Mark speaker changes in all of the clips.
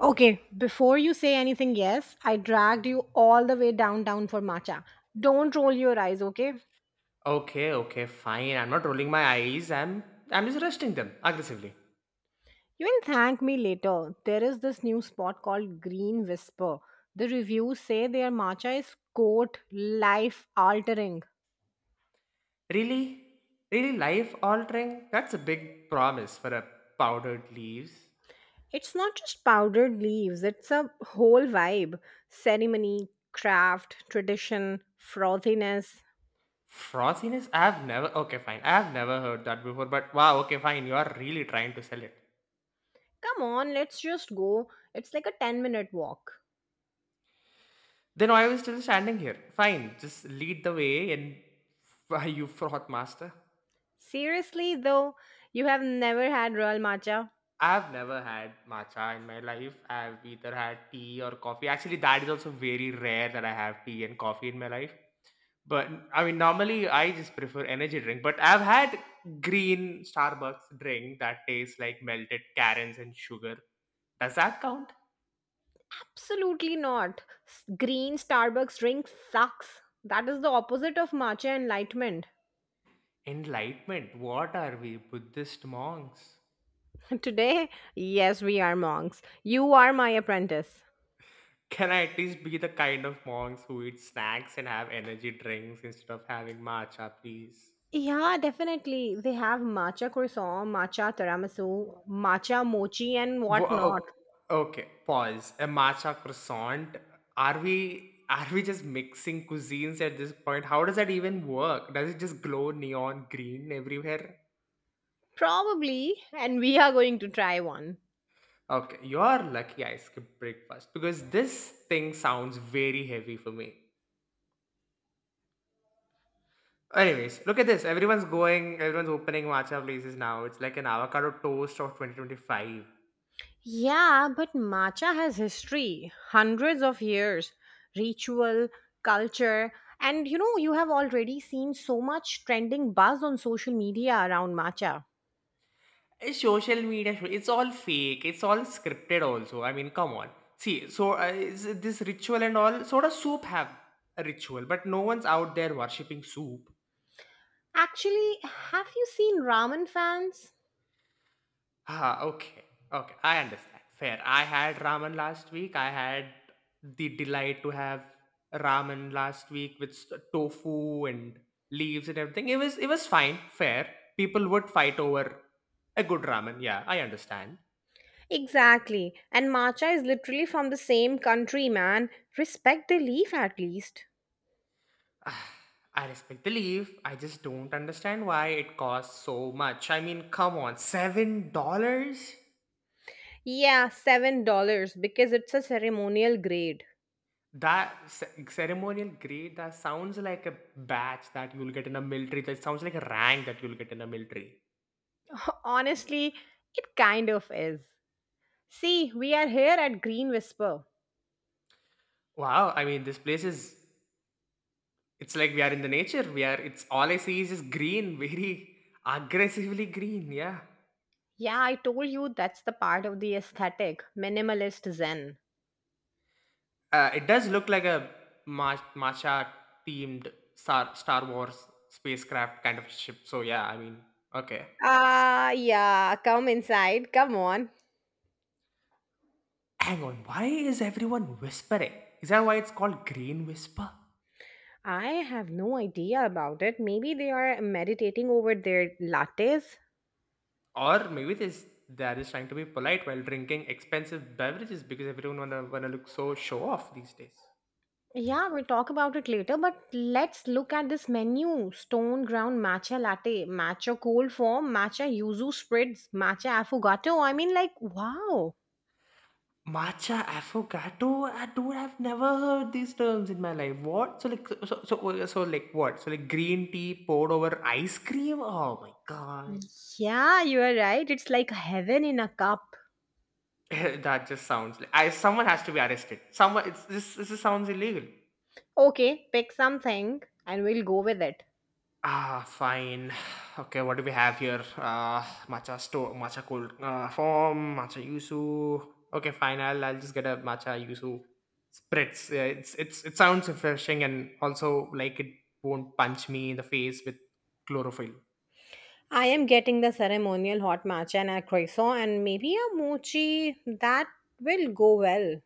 Speaker 1: Okay, before you say anything, yes, I dragged you all the way downtown for matcha. Don't roll your eyes, okay?
Speaker 2: Okay, okay, fine. I'm not rolling my eyes. I'm just resting them aggressively.
Speaker 1: You can thank me later. There is this new spot called Green Whisper. The reviews say their matcha is quote life altering.
Speaker 2: Really? Really life altering? That's a big promise for a powdered leaves.
Speaker 1: It's not just powdered leaves, it's a whole vibe. Ceremony, craft, tradition, frothiness.
Speaker 2: Frothiness? I've never okay fine. I've never heard that before, but wow, okay, fine. You are really trying to sell it.
Speaker 1: Come on, let's just go. It's like a 10-minute walk.
Speaker 2: Then why are we still standing here? Fine, just lead the way and why you froth master.
Speaker 1: Seriously, though, you have never had real matcha?
Speaker 2: I've never had matcha in my life. I've either had tea or coffee. Actually, that is also very rare that I have tea and coffee in my life. But I mean, normally I just prefer energy drink. But I've had green Starbucks drink that tastes like melted carrots and sugar. Does that count?
Speaker 1: Absolutely not. Green Starbucks drink sucks. That is the opposite of matcha enlightenment.
Speaker 2: Enlightenment. What are we, Buddhist monks?
Speaker 1: Today, yes, we are monks. You are my apprentice.
Speaker 2: Can I at least be the kind of monks who eat snacks and have energy drinks instead of having matcha, please?
Speaker 1: Yeah, definitely. They have matcha croissant, matcha tiramisu, matcha mochi, and whatnot.
Speaker 2: Okay, okay, pause. A matcha croissant. Are we are we just mixing cuisines at this point? How does that even work? Does it just glow neon green everywhere?
Speaker 1: Probably. And we are going to try one.
Speaker 2: Okay, you're lucky I skipped breakfast because this thing sounds very heavy for me. Anyways, look at this. Everyone's going, everyone's opening matcha places now. It's like an avocado toast of 2025.
Speaker 1: Yeah, but matcha has history, hundreds of years, ritual, culture, and you know, you have already seen so much trending buzz on social media around matcha.
Speaker 2: Eh, social media, it's all fake. It's all scripted also. I mean, come on. See, so is this ritual and all, sort of soup have a ritual, but no one's out there worshipping soup.
Speaker 1: Actually, have you seen ramen fans?
Speaker 2: Ah, okay. Okay, I understand. Fair. I had ramen last week. I had the delight to have ramen last week with tofu and leaves and everything. It was fine. Fair. People would fight over a good ramen. Yeah, I understand.
Speaker 1: Exactly, and matcha is literally from the same country, man. Respect the leaf at least.
Speaker 2: I respect the leave. I just don't understand why it costs so much. I mean, come on, $7?
Speaker 1: Yeah, $7 because it's a ceremonial grade.
Speaker 2: Ceremonial grade, that sounds like a badge that you'll get in a military. That sounds like a rank that you'll get in a military.
Speaker 1: Honestly, it kind of is. See, we are here at Green Whisper.
Speaker 2: Wow, I mean, this place is. It's like we are in the nature. We are. It's all I see is just green, very aggressively green. Yeah.
Speaker 1: Yeah, I told you that's the part of the aesthetic, minimalist zen.
Speaker 2: It does look like a Marsha themed Star Wars spacecraft kind of ship. So yeah, I mean, okay.
Speaker 1: Ah, yeah, come inside. Come on.
Speaker 2: Hang on, why is everyone whispering? Is that why it's called Green Whisper?
Speaker 1: I have no idea about it. Maybe they are meditating over their lattes.
Speaker 2: Or maybe this they are just trying to be polite while drinking expensive beverages because everyone wanna look so show off these days.
Speaker 1: Yeah, we'll talk about it later, but let's look at this menu. Stone ground matcha latte, matcha cold form, matcha yuzu spreads, matcha affogato. I mean, like, wow.
Speaker 2: Matcha affogato? I don't. I've never heard these terms in my life. What? So like like what? So like green tea poured over ice cream? Oh my god.
Speaker 1: Yeah, you are right. It's like heaven in a cup.
Speaker 2: That just sounds like someone has to be arrested. Someone It's this sounds illegal.
Speaker 1: Okay, pick something and we'll go with it.
Speaker 2: Ah, fine. Okay, what do we have here? Matcha store, matcha cold form, matcha yuzu. Okay, fine. I'll just get a matcha yuzu spritz. Yeah, it sounds refreshing and also like it won't punch me in the face with chlorophyll.
Speaker 1: I am getting the ceremonial hot matcha and a croissant and maybe a mochi. That will go well.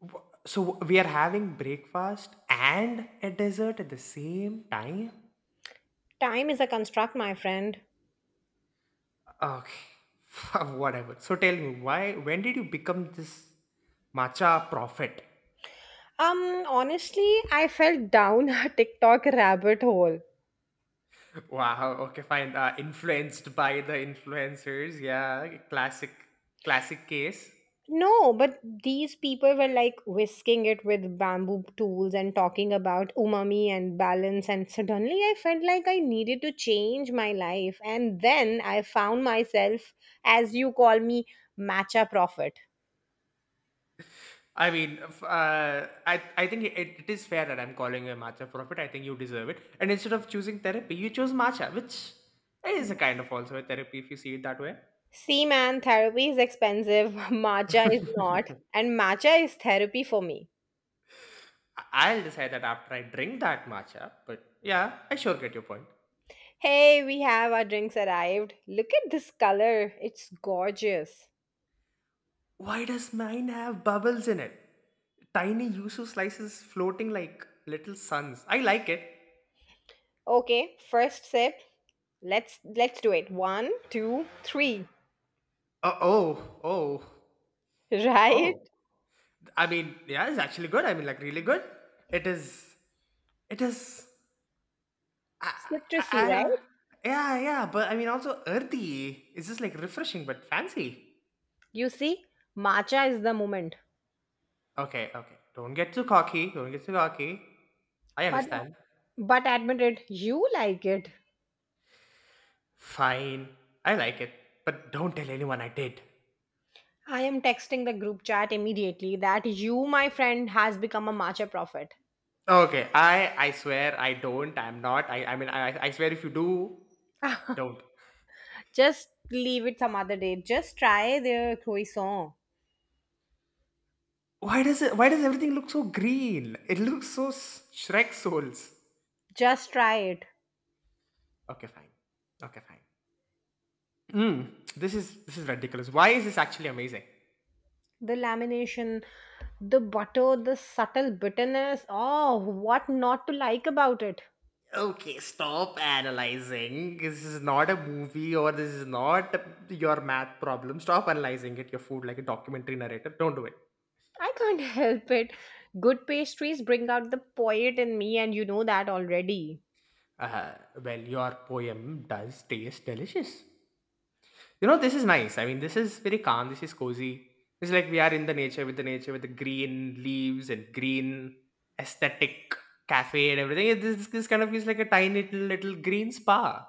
Speaker 2: So we are having breakfast and a dessert at the same time.
Speaker 1: Time is a construct, my friend.
Speaker 2: Okay, whatever. So tell me, why? When did you become this matcha prophet?
Speaker 1: Honestly, I fell down a TikTok rabbit hole.
Speaker 2: Wow. Okay, fine. Influenced by the influencers. Yeah, classic case.
Speaker 1: No, but these people were like whisking it with bamboo tools and talking about umami and balance, and suddenly I felt like I needed to change my life. And then I found myself, as you call me, matcha prophet.
Speaker 2: I mean, I think it is fair that I'm calling you a matcha prophet. I think you deserve it. And instead of choosing therapy, you chose matcha, which is a kind of also a therapy if you see it that way.
Speaker 1: See, man, therapy is expensive, matcha is not, and matcha is therapy for me.
Speaker 2: I'll decide that after I drink that matcha. But yeah, I sure get your point.
Speaker 1: Hey, we have our drinks arrived. Look at this color. It's gorgeous.
Speaker 2: Why does mine have bubbles in it? Tiny yuzu slices floating like little suns. I like it.
Speaker 1: Okay, first sip. Let's do it. One, two, three.
Speaker 2: Oh, oh, oh,
Speaker 1: Right?
Speaker 2: oh. I mean, yeah, it's actually good. I mean, like, really good. It is. It is. I,
Speaker 1: Citrusy,
Speaker 2: I don't-
Speaker 1: right?
Speaker 2: yeah, yeah, but I mean, also earthy. It's just like refreshing but fancy.
Speaker 1: You see, matcha is the moment.
Speaker 2: Okay, okay. Don't get too cocky. Don't get too cocky. I
Speaker 1: But
Speaker 2: understand.
Speaker 1: but admit it, you like it.
Speaker 2: Fine. I like it. But don't tell anyone I did.
Speaker 1: I am texting the group chat immediately that you, my friend, has become a matcha prophet.
Speaker 2: Okay, I swear I don't. I'm not. I mean I swear if you do, don't.
Speaker 1: Just leave it some other day. Just try their croissant.
Speaker 2: Why does it? Why does everything look so green? It looks so Shrek souls.
Speaker 1: Just try it.
Speaker 2: Okay, fine. Okay, fine. This is ridiculous. Why is this actually amazing?
Speaker 1: The lamination, the butter, the subtle bitterness. Oh, what not to like about it?
Speaker 2: Okay, stop analyzing. This is not a movie or this is not your math problem. Stop analyzing it, your food, like a documentary narrator. Don't do it.
Speaker 1: I can't help it. Good pastries bring out the poet in me, and you know that already.
Speaker 2: Uh, well, your poem does taste delicious. You know, this is nice. I mean, this is very calm. This is cozy. It's like we are in the nature with the nature with the green leaves and green aesthetic cafe and everything. This kind of feels like a tiny little green spa.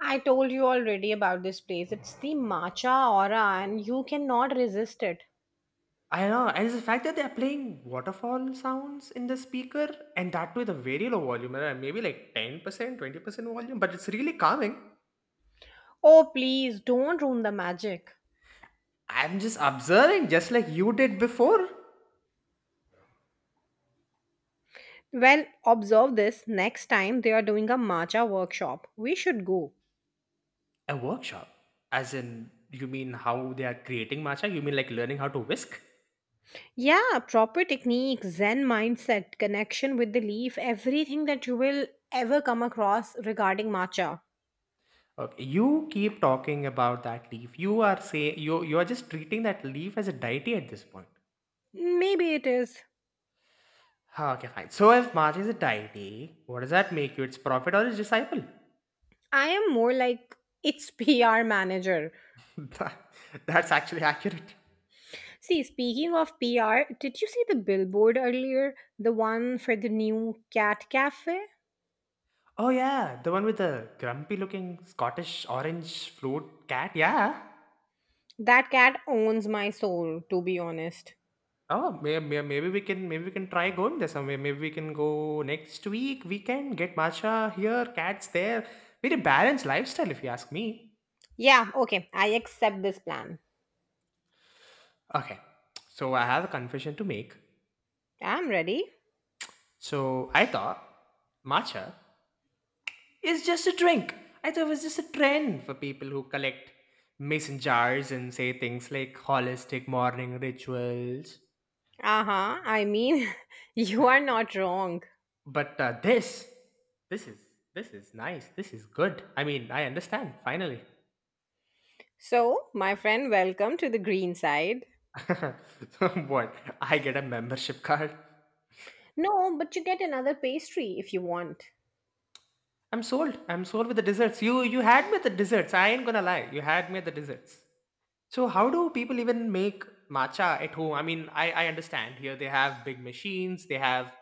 Speaker 1: I told you already about this place. It's the matcha aura, and you cannot resist it.
Speaker 2: I know. And it's the fact that they're playing waterfall sounds in the speaker and that with a very low volume, maybe like 10%, 20% volume, but it's really calming.
Speaker 1: Oh, please don't ruin the magic.
Speaker 2: I'm just observing, just like you did before.
Speaker 1: Well, observe this next time they are doing a matcha workshop. We should go.
Speaker 2: A workshop. As in, you mean how they are creating matcha? You mean like learning how to whisk?
Speaker 1: Yeah, proper technique, Zen mindset, connection with the leaf, everything that you will ever come across regarding matcha.
Speaker 2: Okay, you keep talking about that leaf. You are saying you are just treating that leaf as a deity at this point.
Speaker 1: Maybe it is.
Speaker 2: Ah, okay, fine. So if Mars is a deity, what does that make you? Its prophet or its disciple?
Speaker 1: I am more like its PR manager.
Speaker 2: That- That's actually accurate.
Speaker 1: See, speaking of PR, did you see the billboard earlier? The one for the new cat cafe?
Speaker 2: Oh yeah, the one with the grumpy-looking Scottish orange float cat. Yeah.
Speaker 1: That cat owns my soul, to be honest.
Speaker 2: Oh, maybe we can try going there somewhere. Maybe we can go next week. We can get Masha here, cats there. Very balanced lifestyle, if you ask me.
Speaker 1: Yeah, okay, I accept this plan.
Speaker 2: Okay, so I have a confession to make.
Speaker 1: I'm ready.
Speaker 2: So I thought matcha is just a drink. I thought it was just a trend for people who collect mason jars and say things like holistic morning rituals.
Speaker 1: Uh-huh. I mean, you are not wrong.
Speaker 2: But this is this is nice. This is good. I mean, I understand finally.
Speaker 1: So, my friend, welcome to the green side.
Speaker 2: So what? I get a membership card.
Speaker 1: No, but you get another pastry if you want.
Speaker 2: I'm sold. I'm sold with the desserts. You had me at the desserts. I ain't gonna lie. You had me at the desserts. So how do people even make matcha at home? I mean, I understand here they have big machines, they have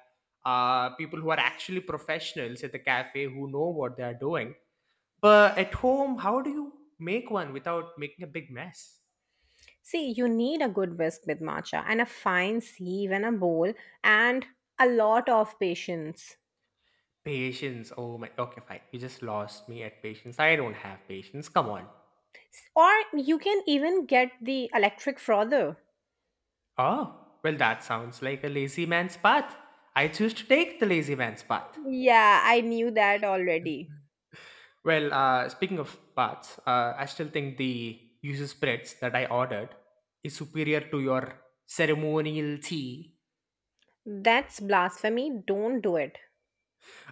Speaker 2: people who are actually professionals at the cafe who know what they are doing. But at home, how do you make one without making a big mess?
Speaker 1: See, you need a good whisk with matcha and a fine sieve and a bowl and a lot of patience.
Speaker 2: Patience. Oh my. Okay, fine. You just lost me at patience. I don't have patience. Come on.
Speaker 1: Or you can even get the electric frother.
Speaker 2: Oh, well, that sounds like a lazy man's path. I choose to take the lazy man's path.
Speaker 1: Yeah, I knew that already.
Speaker 2: Well, speaking of parts, I still think the user spreads that I ordered is superior to your ceremonial tea.
Speaker 1: That's blasphemy. Don't do it.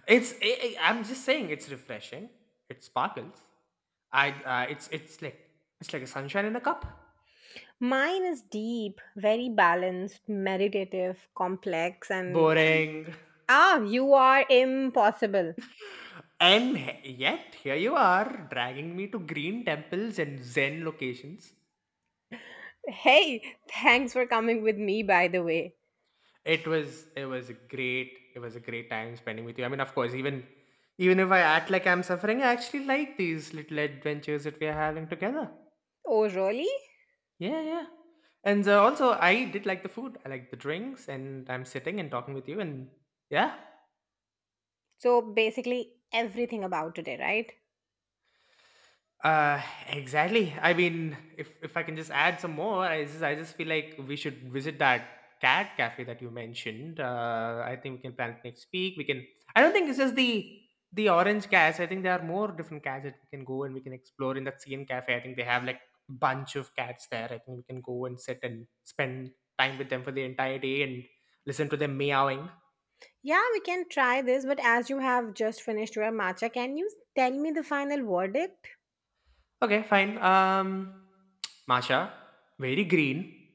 Speaker 2: I'm just saying it's refreshing. It sparkles. I it's like it's like a sunshine in a cup.
Speaker 1: Mine is deep, very balanced, meditative, complex, and...
Speaker 2: Boring.
Speaker 1: Ah, you are impossible.
Speaker 2: And yet here you are dragging me to green temples and zen locations.
Speaker 1: Hey, thanks for coming with me, by the way.
Speaker 2: It was a great time spending with you. I mean, of course, even if I act like I'm suffering, I actually like these little adventures that we are having together.
Speaker 1: Oh, really?
Speaker 2: Yeah, yeah. And also, I did like the food. I like the drinks, and I'm sitting and talking with you. And yeah.
Speaker 1: So, basically, everything about today, right?
Speaker 2: Uh, exactly. I mean, if I can just add some more, I just feel like we should visit that cat cafe that you mentioned. I think we can plan it next week. We can. I don't think it's just the orange cats. I think there are more different cats that we can go and we can explore in that CN cafe. I think they have like bunch of cats there. I think we can go and sit and spend time with them for the entire day and listen to them meowing.
Speaker 1: Yeah, we can try this, but as you have just finished your matcha, can you tell me the final verdict?
Speaker 2: Okay, fine. Masha, very green,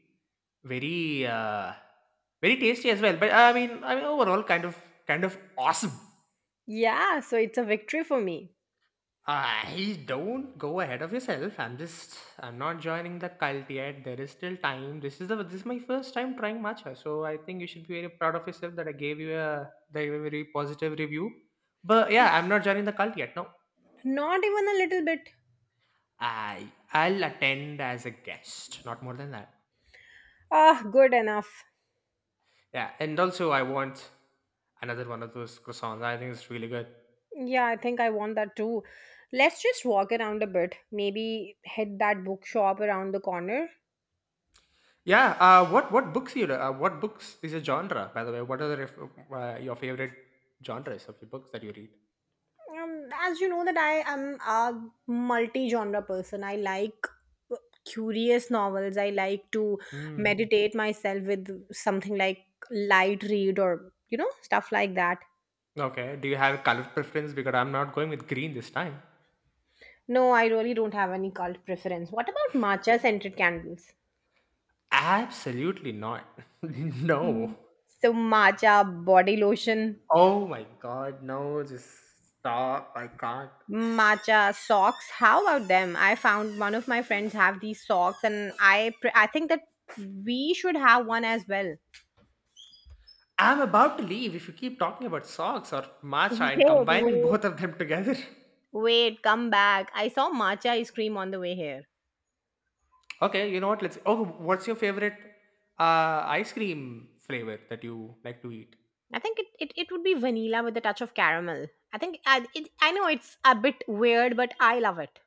Speaker 2: very very tasty as well. But I mean overall, kind of awesome.
Speaker 1: Yeah, so it's a victory for me.
Speaker 2: I don't go ahead of yourself. I'm not joining the cult yet. There is still time. This is my first time trying matcha, so I think you should be very proud of yourself that I gave you a that you a very positive review. But yeah, I'm not joining the cult yet. No,
Speaker 1: Not even a little bit.
Speaker 2: I'll attend as a guest, not more than that.
Speaker 1: Ah, good enough.
Speaker 2: Yeah, and also I want another one of those croissants. I think it's really good.
Speaker 1: Yeah, I think I want that too. Let's just walk around a bit. Maybe hit that bookshop around the corner.
Speaker 2: Yeah. What books is a genre by the way? What are the your favorite genres of your books that you read?
Speaker 1: As you know that I am a multi-genre person. I like uh, curious novels. I like to
Speaker 2: Hmm.
Speaker 1: meditate myself with something like light read or you know stuff like that.
Speaker 2: Okay. Do you have a color preference? Because I'm not going with green this time.
Speaker 1: No, I really don't have any cult preference. What about matcha scented candles?
Speaker 2: Absolutely not. No.
Speaker 1: So matcha body lotion,
Speaker 2: Oh my god, no! Just stop. I can't.
Speaker 1: matcha socks. How about them? I found one of my friends have these socks, and I think that we should have one as well.
Speaker 2: I'm about to leave if you keep talking about socks or matcha and
Speaker 1: Wait,
Speaker 2: combining
Speaker 1: wait,
Speaker 2: both of them together.
Speaker 1: Wait, come back. I saw matcha ice cream on the way here.
Speaker 2: Okay, you know what? Let's. Oh, what's your favorite ice cream flavor that you like to eat?
Speaker 1: I think it would be vanilla with a touch of caramel. I know it's a bit weird, but I love it.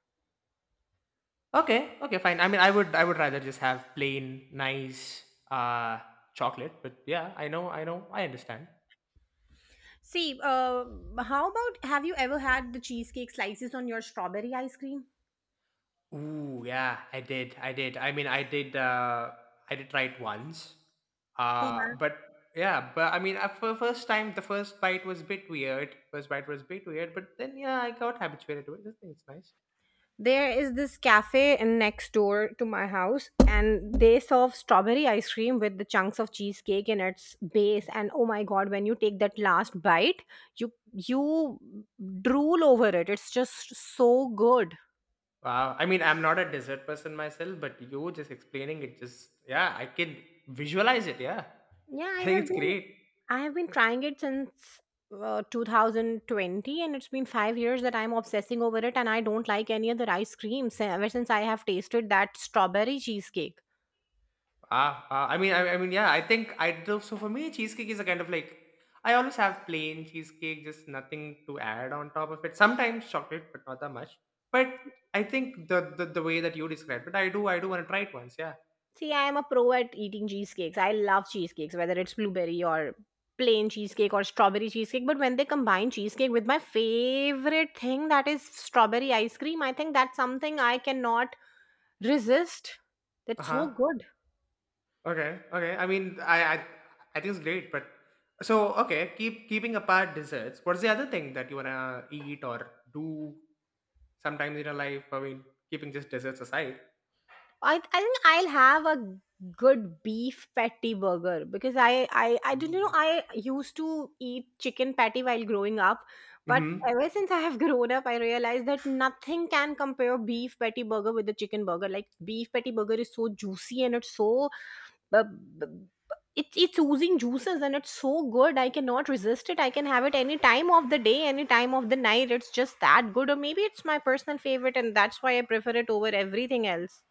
Speaker 2: Okay, okay, fine. I mean, I would rather just have plain, nice uh, chocolate. But yeah, I know, I understand.
Speaker 1: See, how about have you ever had the cheesecake slices on your strawberry ice cream?
Speaker 2: Ooh, yeah, I did. I mean, I did try it once.
Speaker 1: They
Speaker 2: But Yeah, but I mean, for first time, the first bite was a bit weird. First bite was a bit weird, but then yeah, I got habituated to it. I think it's nice.
Speaker 1: There is this cafe next door to my house, and they serve strawberry ice cream with the chunks of cheesecake in its base. And oh my god, when you take that last bite, you drool over it. It's just so good.
Speaker 2: Wow. I mean, I'm not a dessert person myself, but you just explaining it, just yeah, I can visualize it. Yeah,
Speaker 1: Yeah, I
Speaker 2: I think
Speaker 1: have
Speaker 2: it's
Speaker 1: been
Speaker 2: great.
Speaker 1: I have been trying it since 2020, and it's been 5 years that I'm obsessing over it, and I don't like any other ice creams ever since I have tasted that strawberry cheesecake.
Speaker 2: I mean, I mean, yeah, I think I do. So for me, cheesecake is a kind of like I always have plain cheesecake, just nothing to add on top of it. Sometimes chocolate, but not that much. But I think the way that you described it, I do want to try it once. Yeah.
Speaker 1: See, I am a pro at eating cheesecakes. I love cheesecakes, whether it's blueberry or plain cheesecake or strawberry cheesecake. But when they combine cheesecake with my favorite thing, that is strawberry ice cream, I think that's something I cannot resist.
Speaker 2: Uh
Speaker 1: That's so
Speaker 2: huh.
Speaker 1: good.
Speaker 2: Okay, okay. I mean, I think it's great, but so okay. Keep keeping apart desserts. What's the other thing that you wanna eat or do sometimes in your life? I mean, keeping just desserts aside.
Speaker 1: I think I'll have a good beef patty burger because I don't you know
Speaker 2: Mm.
Speaker 1: I used to eat chicken patty while growing up, but
Speaker 2: Mm-hmm.
Speaker 1: ever since I have grown up, I realized that nothing can compare beef patty burger with the chicken burger. Like beef patty burger is so juicy and it's so. Uh, b- b- it's oozing juices and it's so good. I cannot resist it. I can have it any time of the day, any time of the night. It's just that good. Or maybe it's my personal favorite, and that's why I prefer it over everything else.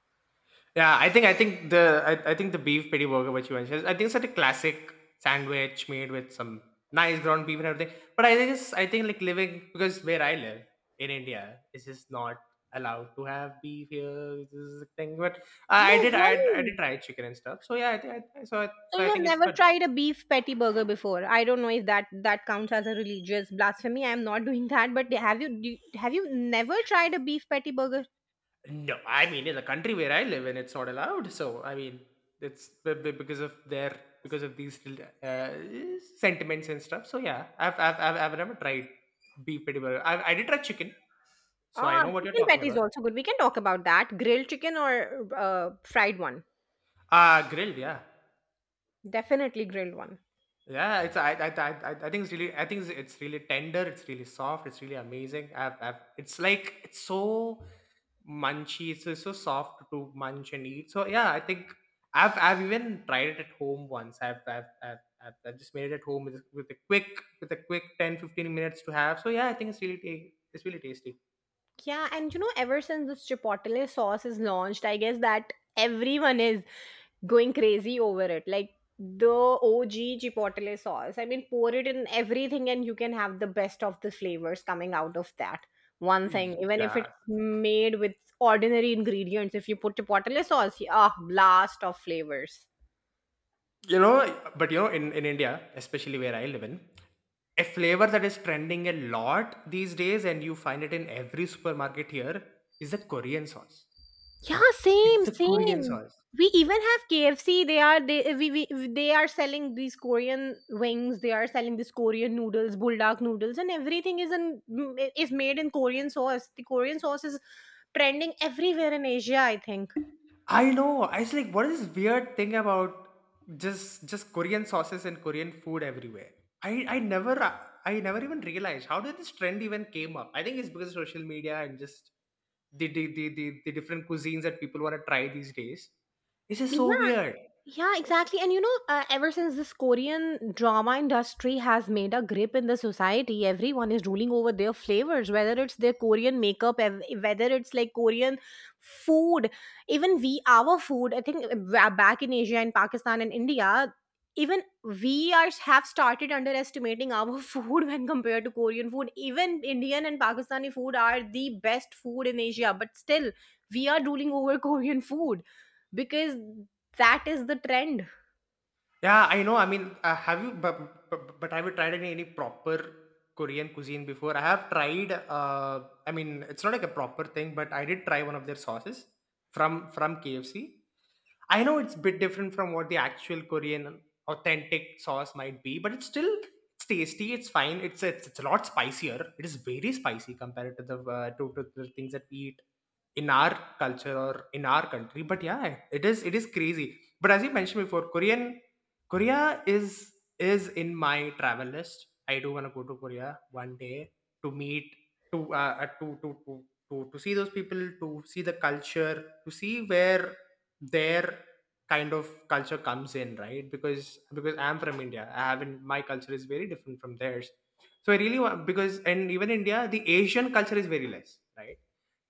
Speaker 2: Yeah, I think the beef patty burger which you mentioned, I think it's such a classic sandwich made with some nice ground beef and everything. But I think it's I think like living because where I live in India, it's just not allowed to have beef here. This is the thing, but
Speaker 1: No,
Speaker 2: I did
Speaker 1: really?
Speaker 2: try chicken and stuff. So yeah, I think I, so I, so
Speaker 1: So
Speaker 2: I
Speaker 1: you have
Speaker 2: think it's
Speaker 1: never
Speaker 2: good.
Speaker 1: tried a beef patty burger before. I don't know if that counts as a religious blasphemy. I am not doing that. But have you never tried a beef patty burger?
Speaker 2: No, I mean in the country where I live, and it's not allowed. So I mean, it's because of their because of these uh, sentiments and stuff. So yeah, I've never tried beef patty burger. I did try chicken, so I
Speaker 1: Ah,
Speaker 2: know what you're
Speaker 1: chicken
Speaker 2: talking
Speaker 1: patty is
Speaker 2: about.
Speaker 1: also good. We can talk about that. Grilled chicken or fried one?
Speaker 2: Ah, grilled, yeah.
Speaker 1: Definitely grilled one.
Speaker 2: Yeah, it's I think it's really I think it's really tender. It's really soft. It's really amazing. I've it's like it's so munchy. It's so soft to munch and eat. So yeah, I think I've even tried it at home once. I've just made it at home with, with a quick 10 to 15 minutes to have. So yeah, I think it's really it's really tasty.
Speaker 1: Yeah, and you know, ever since this chipotle sauce is launched, I guess that everyone is going crazy over it. Like the OG chipotle sauce. I mean, pour it in everything and you can have the best of the flavors coming out of that one thing. Even if
Speaker 2: Yeah,
Speaker 1: it's made with ordinary ingredients, if you put chipotle sauce, ah, blast of flavors.
Speaker 2: you know, but you know, in India, especially where I live in, a flavor that is trending a lot these days and you find it in every supermarket here is the Korean sauce.
Speaker 1: Yeah,
Speaker 2: It's
Speaker 1: same,
Speaker 2: the Korean
Speaker 1: same.
Speaker 2: sauce.
Speaker 1: We even have KFC. They are selling these Korean wings. They are selling these Korean noodles, bulldog noodles, and everything is is made in Korean sauce. The Korean sauce is trending everywhere in Asia, I think.
Speaker 2: I know. I was like, what is this weird thing about just Korean sauces and Korean food everywhere? I, I never I never even realized how did this trend even came up. I think it's because of social media and just the different cuisines that people want to try these days. It's just so
Speaker 1: Yeah,
Speaker 2: weird.
Speaker 1: Yeah, exactly. And you know, ever since this Korean drama industry has made a grip in the society, everyone is ruling over their flavors, whether it's their Korean makeup, whether it's like Korean food, even we, our food. I think back in Asia and Pakistan and India, even we are have started underestimating our food when compared to Korean food. Even Indian and Pakistani food are the best food in Asia, but still, we are ruling over Korean food because that is the trend.
Speaker 2: Yeah, I know. I mean, have you? But have you tried any proper Korean cuisine before? I have tried. Uh, I mean, it's not like a proper thing, but I did try one of their sauces from KFC. I know it's bit different from what the actual Korean authentic sauce might be, but it's still it's tasty. It's fine. It's a lot spicier. It is very spicy compared to the to the things that we eat in our culture or in our country. But yeah, it is crazy. But as you mentioned before, Korea is in my travel list. I do want to go to Korea one day to meet to uh, uh, to, to to to see those people, to see the culture, to see where their kind of culture comes in, right? Because I'm from India, I haven't my culture is very different from theirs. So I really want because and even India, the Asian culture is very less, right?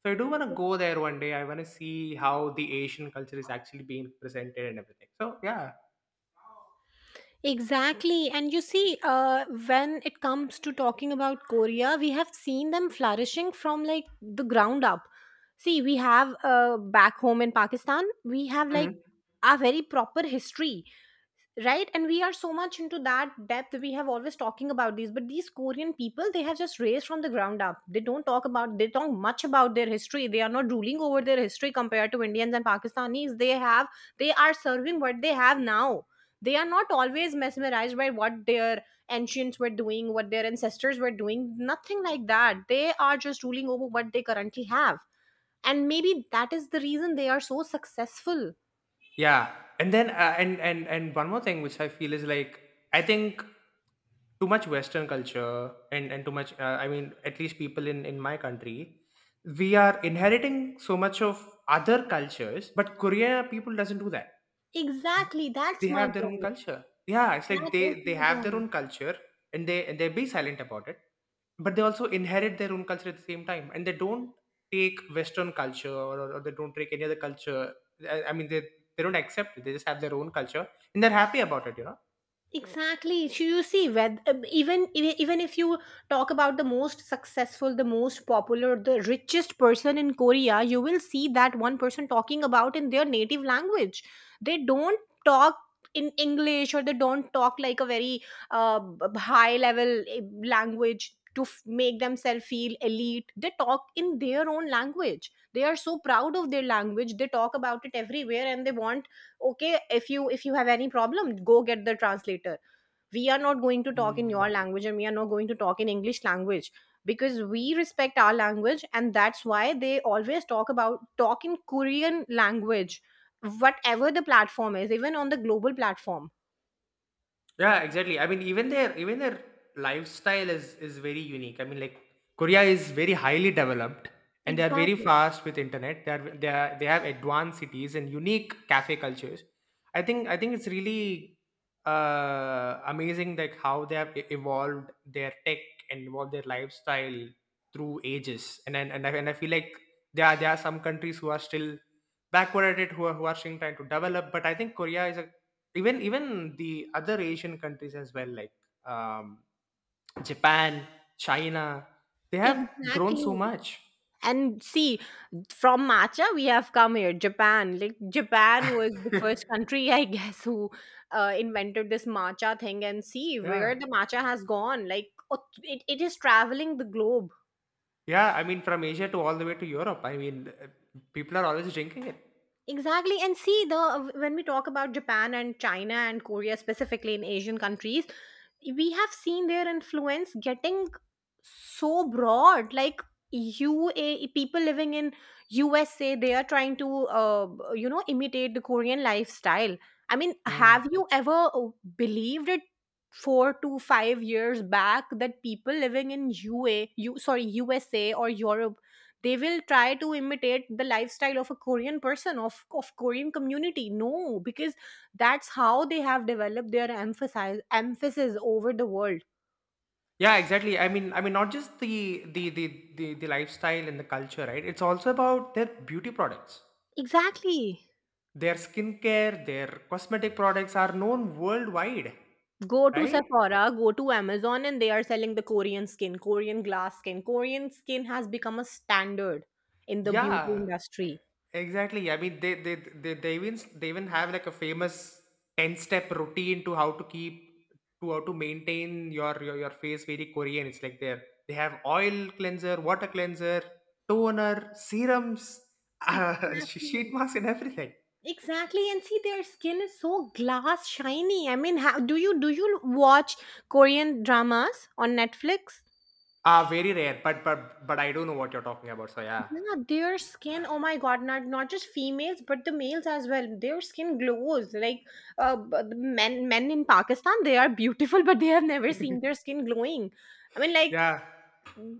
Speaker 2: So I do want to go there one day. I want to see how the Asian culture is actually being presented and everything. So yeah,
Speaker 1: Exactly. And you see, when it comes to talking about Korea, we have seen them flourishing from like the ground up. See, we have back home in Pakistan, we have like a very proper history, right, and we are so much into that depth. We have always talking about these, but these Korean people, they have just raised from the ground up. They don't talk about... they talk much about their history. They are not ruling over their history compared to Indians and Pakistanis. They have... they are serving what they have now. They are not always mesmerized by what their ancients were doing, what their ancestors were doing. Nothing like that. They are just ruling over what they currently have, and maybe that is the reason they are so successful.
Speaker 2: yeah, and then and one more thing which I feel is like I think too much Western culture and too much I mean at least people in my country we are inheriting so much of other cultures, but Korea people doesn't do that.
Speaker 1: Exactly,
Speaker 2: They
Speaker 1: that's my
Speaker 2: have their own
Speaker 1: point
Speaker 2: culture. Yeah, it's like
Speaker 1: That was
Speaker 2: they
Speaker 1: my
Speaker 2: have their
Speaker 1: point.
Speaker 2: own culture and they be silent about it, but they also inherit their own culture at the same time, and they don't take Western culture or they don't take any other culture. I mean, they don't accept it. They just have their own culture and they're happy about it. You know.
Speaker 1: Exactly. So you see, when, even if you talk about the most successful, the most popular, the richest person in Korea, you will see that one person talking about in their native language. They don't talk in English or they don't talk like a very uh, high level language to make themselves feel elite. They talk in their own language. They are so proud of their language. They talk about it everywhere, and they want, okay, if you have any problem, go get the translator. We are not going to talk in
Speaker 2: Mm.
Speaker 1: your language and we are not going to talk in English language, because we respect our language, and that's why they always talk about talk in Korean language, whatever the platform is, even on the global platform.
Speaker 2: Yeah, exactly. I mean, even their lifestyle is very unique. I mean, like Korea is very highly developed, and they are very
Speaker 1: Exactly,
Speaker 2: fast with internet. They have advanced cities and unique cafe cultures. I think it's really amazing like how they have evolved their tech and evolved their lifestyle through ages. And I feel like there are some countries who are still backward at it who are still trying to develop. But I think Korea is a even the other Asian countries as well like um Japan, China, they have grown so
Speaker 1: exactly.
Speaker 2: much.
Speaker 1: And see, from matcha, we have come here, Japan. Like, Japan was the first country, I guess, who invented this matcha thing. And see where
Speaker 2: Yeah,
Speaker 1: the matcha has gone. Like, oh, it is traveling the globe.
Speaker 2: yeah, I mean from Asia to all the way to Europe. I mean, uh, people are always drinking it.
Speaker 1: Exactly. And see, the when we talk about Japan and China and Korea specifically in Asian countries, we have seen their influence getting so broad. Like UA people living in USA, they are trying to imitate the Korean lifestyle. I mean,
Speaker 2: Mm.
Speaker 1: have you ever believed it? 4 to 5 years back, that people living in UA, sorry, USA or Europe, they will try to imitate the lifestyle of a Korean person, of Korean community. No, because that's how they have developed their emphasis over the world.
Speaker 2: Yeah, exactly. I mean, not just the lifestyle and the culture, right? It's also about their beauty products.
Speaker 1: Exactly.
Speaker 2: Their skincare, their cosmetic products are known worldwide,
Speaker 1: Go to
Speaker 2: right?
Speaker 1: Sephora, go to Amazon, and they are selling the Korean skin, Korean glass skin. Korean skin has become a standard in the beauty
Speaker 2: Yeah,
Speaker 1: industry.
Speaker 2: exactly. I mean, they even they even have like a famous ten step routine to how to keep to how to maintain your face very Korean. It's like there they have oil cleanser, water cleanser, toner, serums, sheet
Speaker 1: Exactly,
Speaker 2: mask, and everything.
Speaker 1: exactly. And see, their skin is so glass shiny. I mean, how do you watch Korean dramas on Netflix?
Speaker 2: Ah, very rare, but I do know what you're talking about. So yeah,
Speaker 1: Yeah, their skin, oh my God, not just females, but the males as well. Their skin glows like the men in Pakistan. They are beautiful, but they have never seen their skin glowing. I mean, like
Speaker 2: yeah,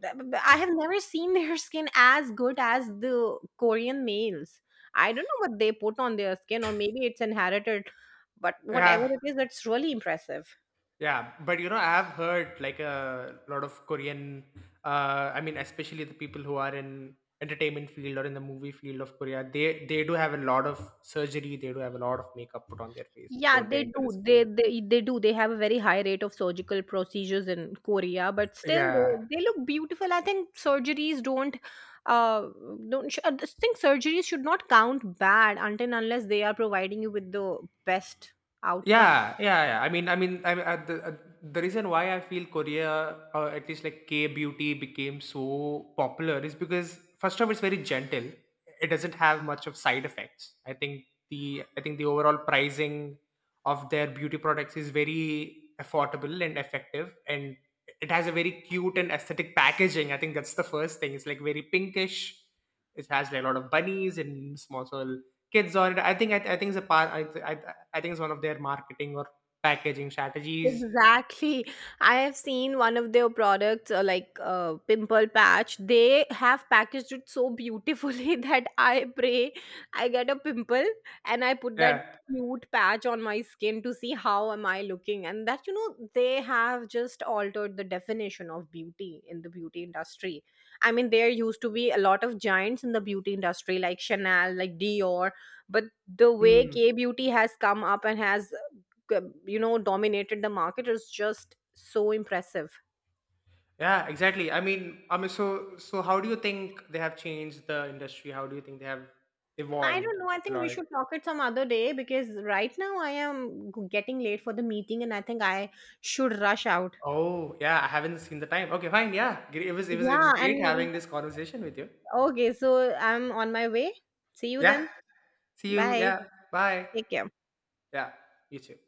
Speaker 1: I have never seen their skin as good as the Korean males. I don't know what they put on their skin, or maybe it's inherited, but whatever
Speaker 2: yeah.
Speaker 1: it is, it's really impressive.
Speaker 2: Yeah, but you know, I have heard like a lot of Korean. I mean, especially the people who are in entertainment field or in the movie field of Korea, they do have a lot of surgery. They do have a lot of makeup put on their face
Speaker 1: Yeah,
Speaker 2: before they
Speaker 1: they
Speaker 2: enter the
Speaker 1: do. They
Speaker 2: screen.
Speaker 1: they they do. They have a very high rate of surgical procedures in Korea, but still
Speaker 2: Yeah,
Speaker 1: they look beautiful. I think surgeries don't uh I just think surgeries should not count bad until and unless they are providing you with the best outcome.
Speaker 2: yeah, yeah. I mean, I the reason why I feel Korea, or at least like K beauty, became so popular is because first of all, it's very gentle. It doesn't have much of side effects. I think the overall pricing of their beauty products is very affordable and effective, and it has a very cute and aesthetic packaging. I think that's the first thing. It's like very pinkish. It has like a lot of bunnies and small little kids on it. I think it's a part. I think it's one of their marketing or packaging strategies.
Speaker 1: Exactly. I have seen one of their products, like pimple patch. They have packaged it so beautifully that I pray I get a pimple and I put that
Speaker 2: Yeah.
Speaker 1: cute patch on my skin to see how am I looking. And that, you know, they have just altered the definition of beauty in the beauty industry. I mean, there used to be a lot of giants in the beauty industry, like Chanel, like Dior, but the way
Speaker 2: Hmm.
Speaker 1: K beauty has come up and has, you know, dominated the market is just so impressive.
Speaker 2: Yeah, exactly. I mean, so so how do you think they have changed the industry? How do you think they have
Speaker 1: I
Speaker 2: evolved
Speaker 1: don't know, I
Speaker 2: a
Speaker 1: think
Speaker 2: lot?
Speaker 1: we should talk it some other day, because right now I am getting late for the meeting and I think I should rush out.
Speaker 2: Oh, yeah, I haven't seen the time. Okay, fine. Yeah, it was it was
Speaker 1: Yeah,
Speaker 2: great
Speaker 1: and
Speaker 2: having this conversation with you.
Speaker 1: okay, so I'm on my way. See you
Speaker 2: Yeah.
Speaker 1: then.
Speaker 2: See you.
Speaker 1: Bye.
Speaker 2: Yeah. Bye.
Speaker 1: Take care.
Speaker 2: Yeah. You too.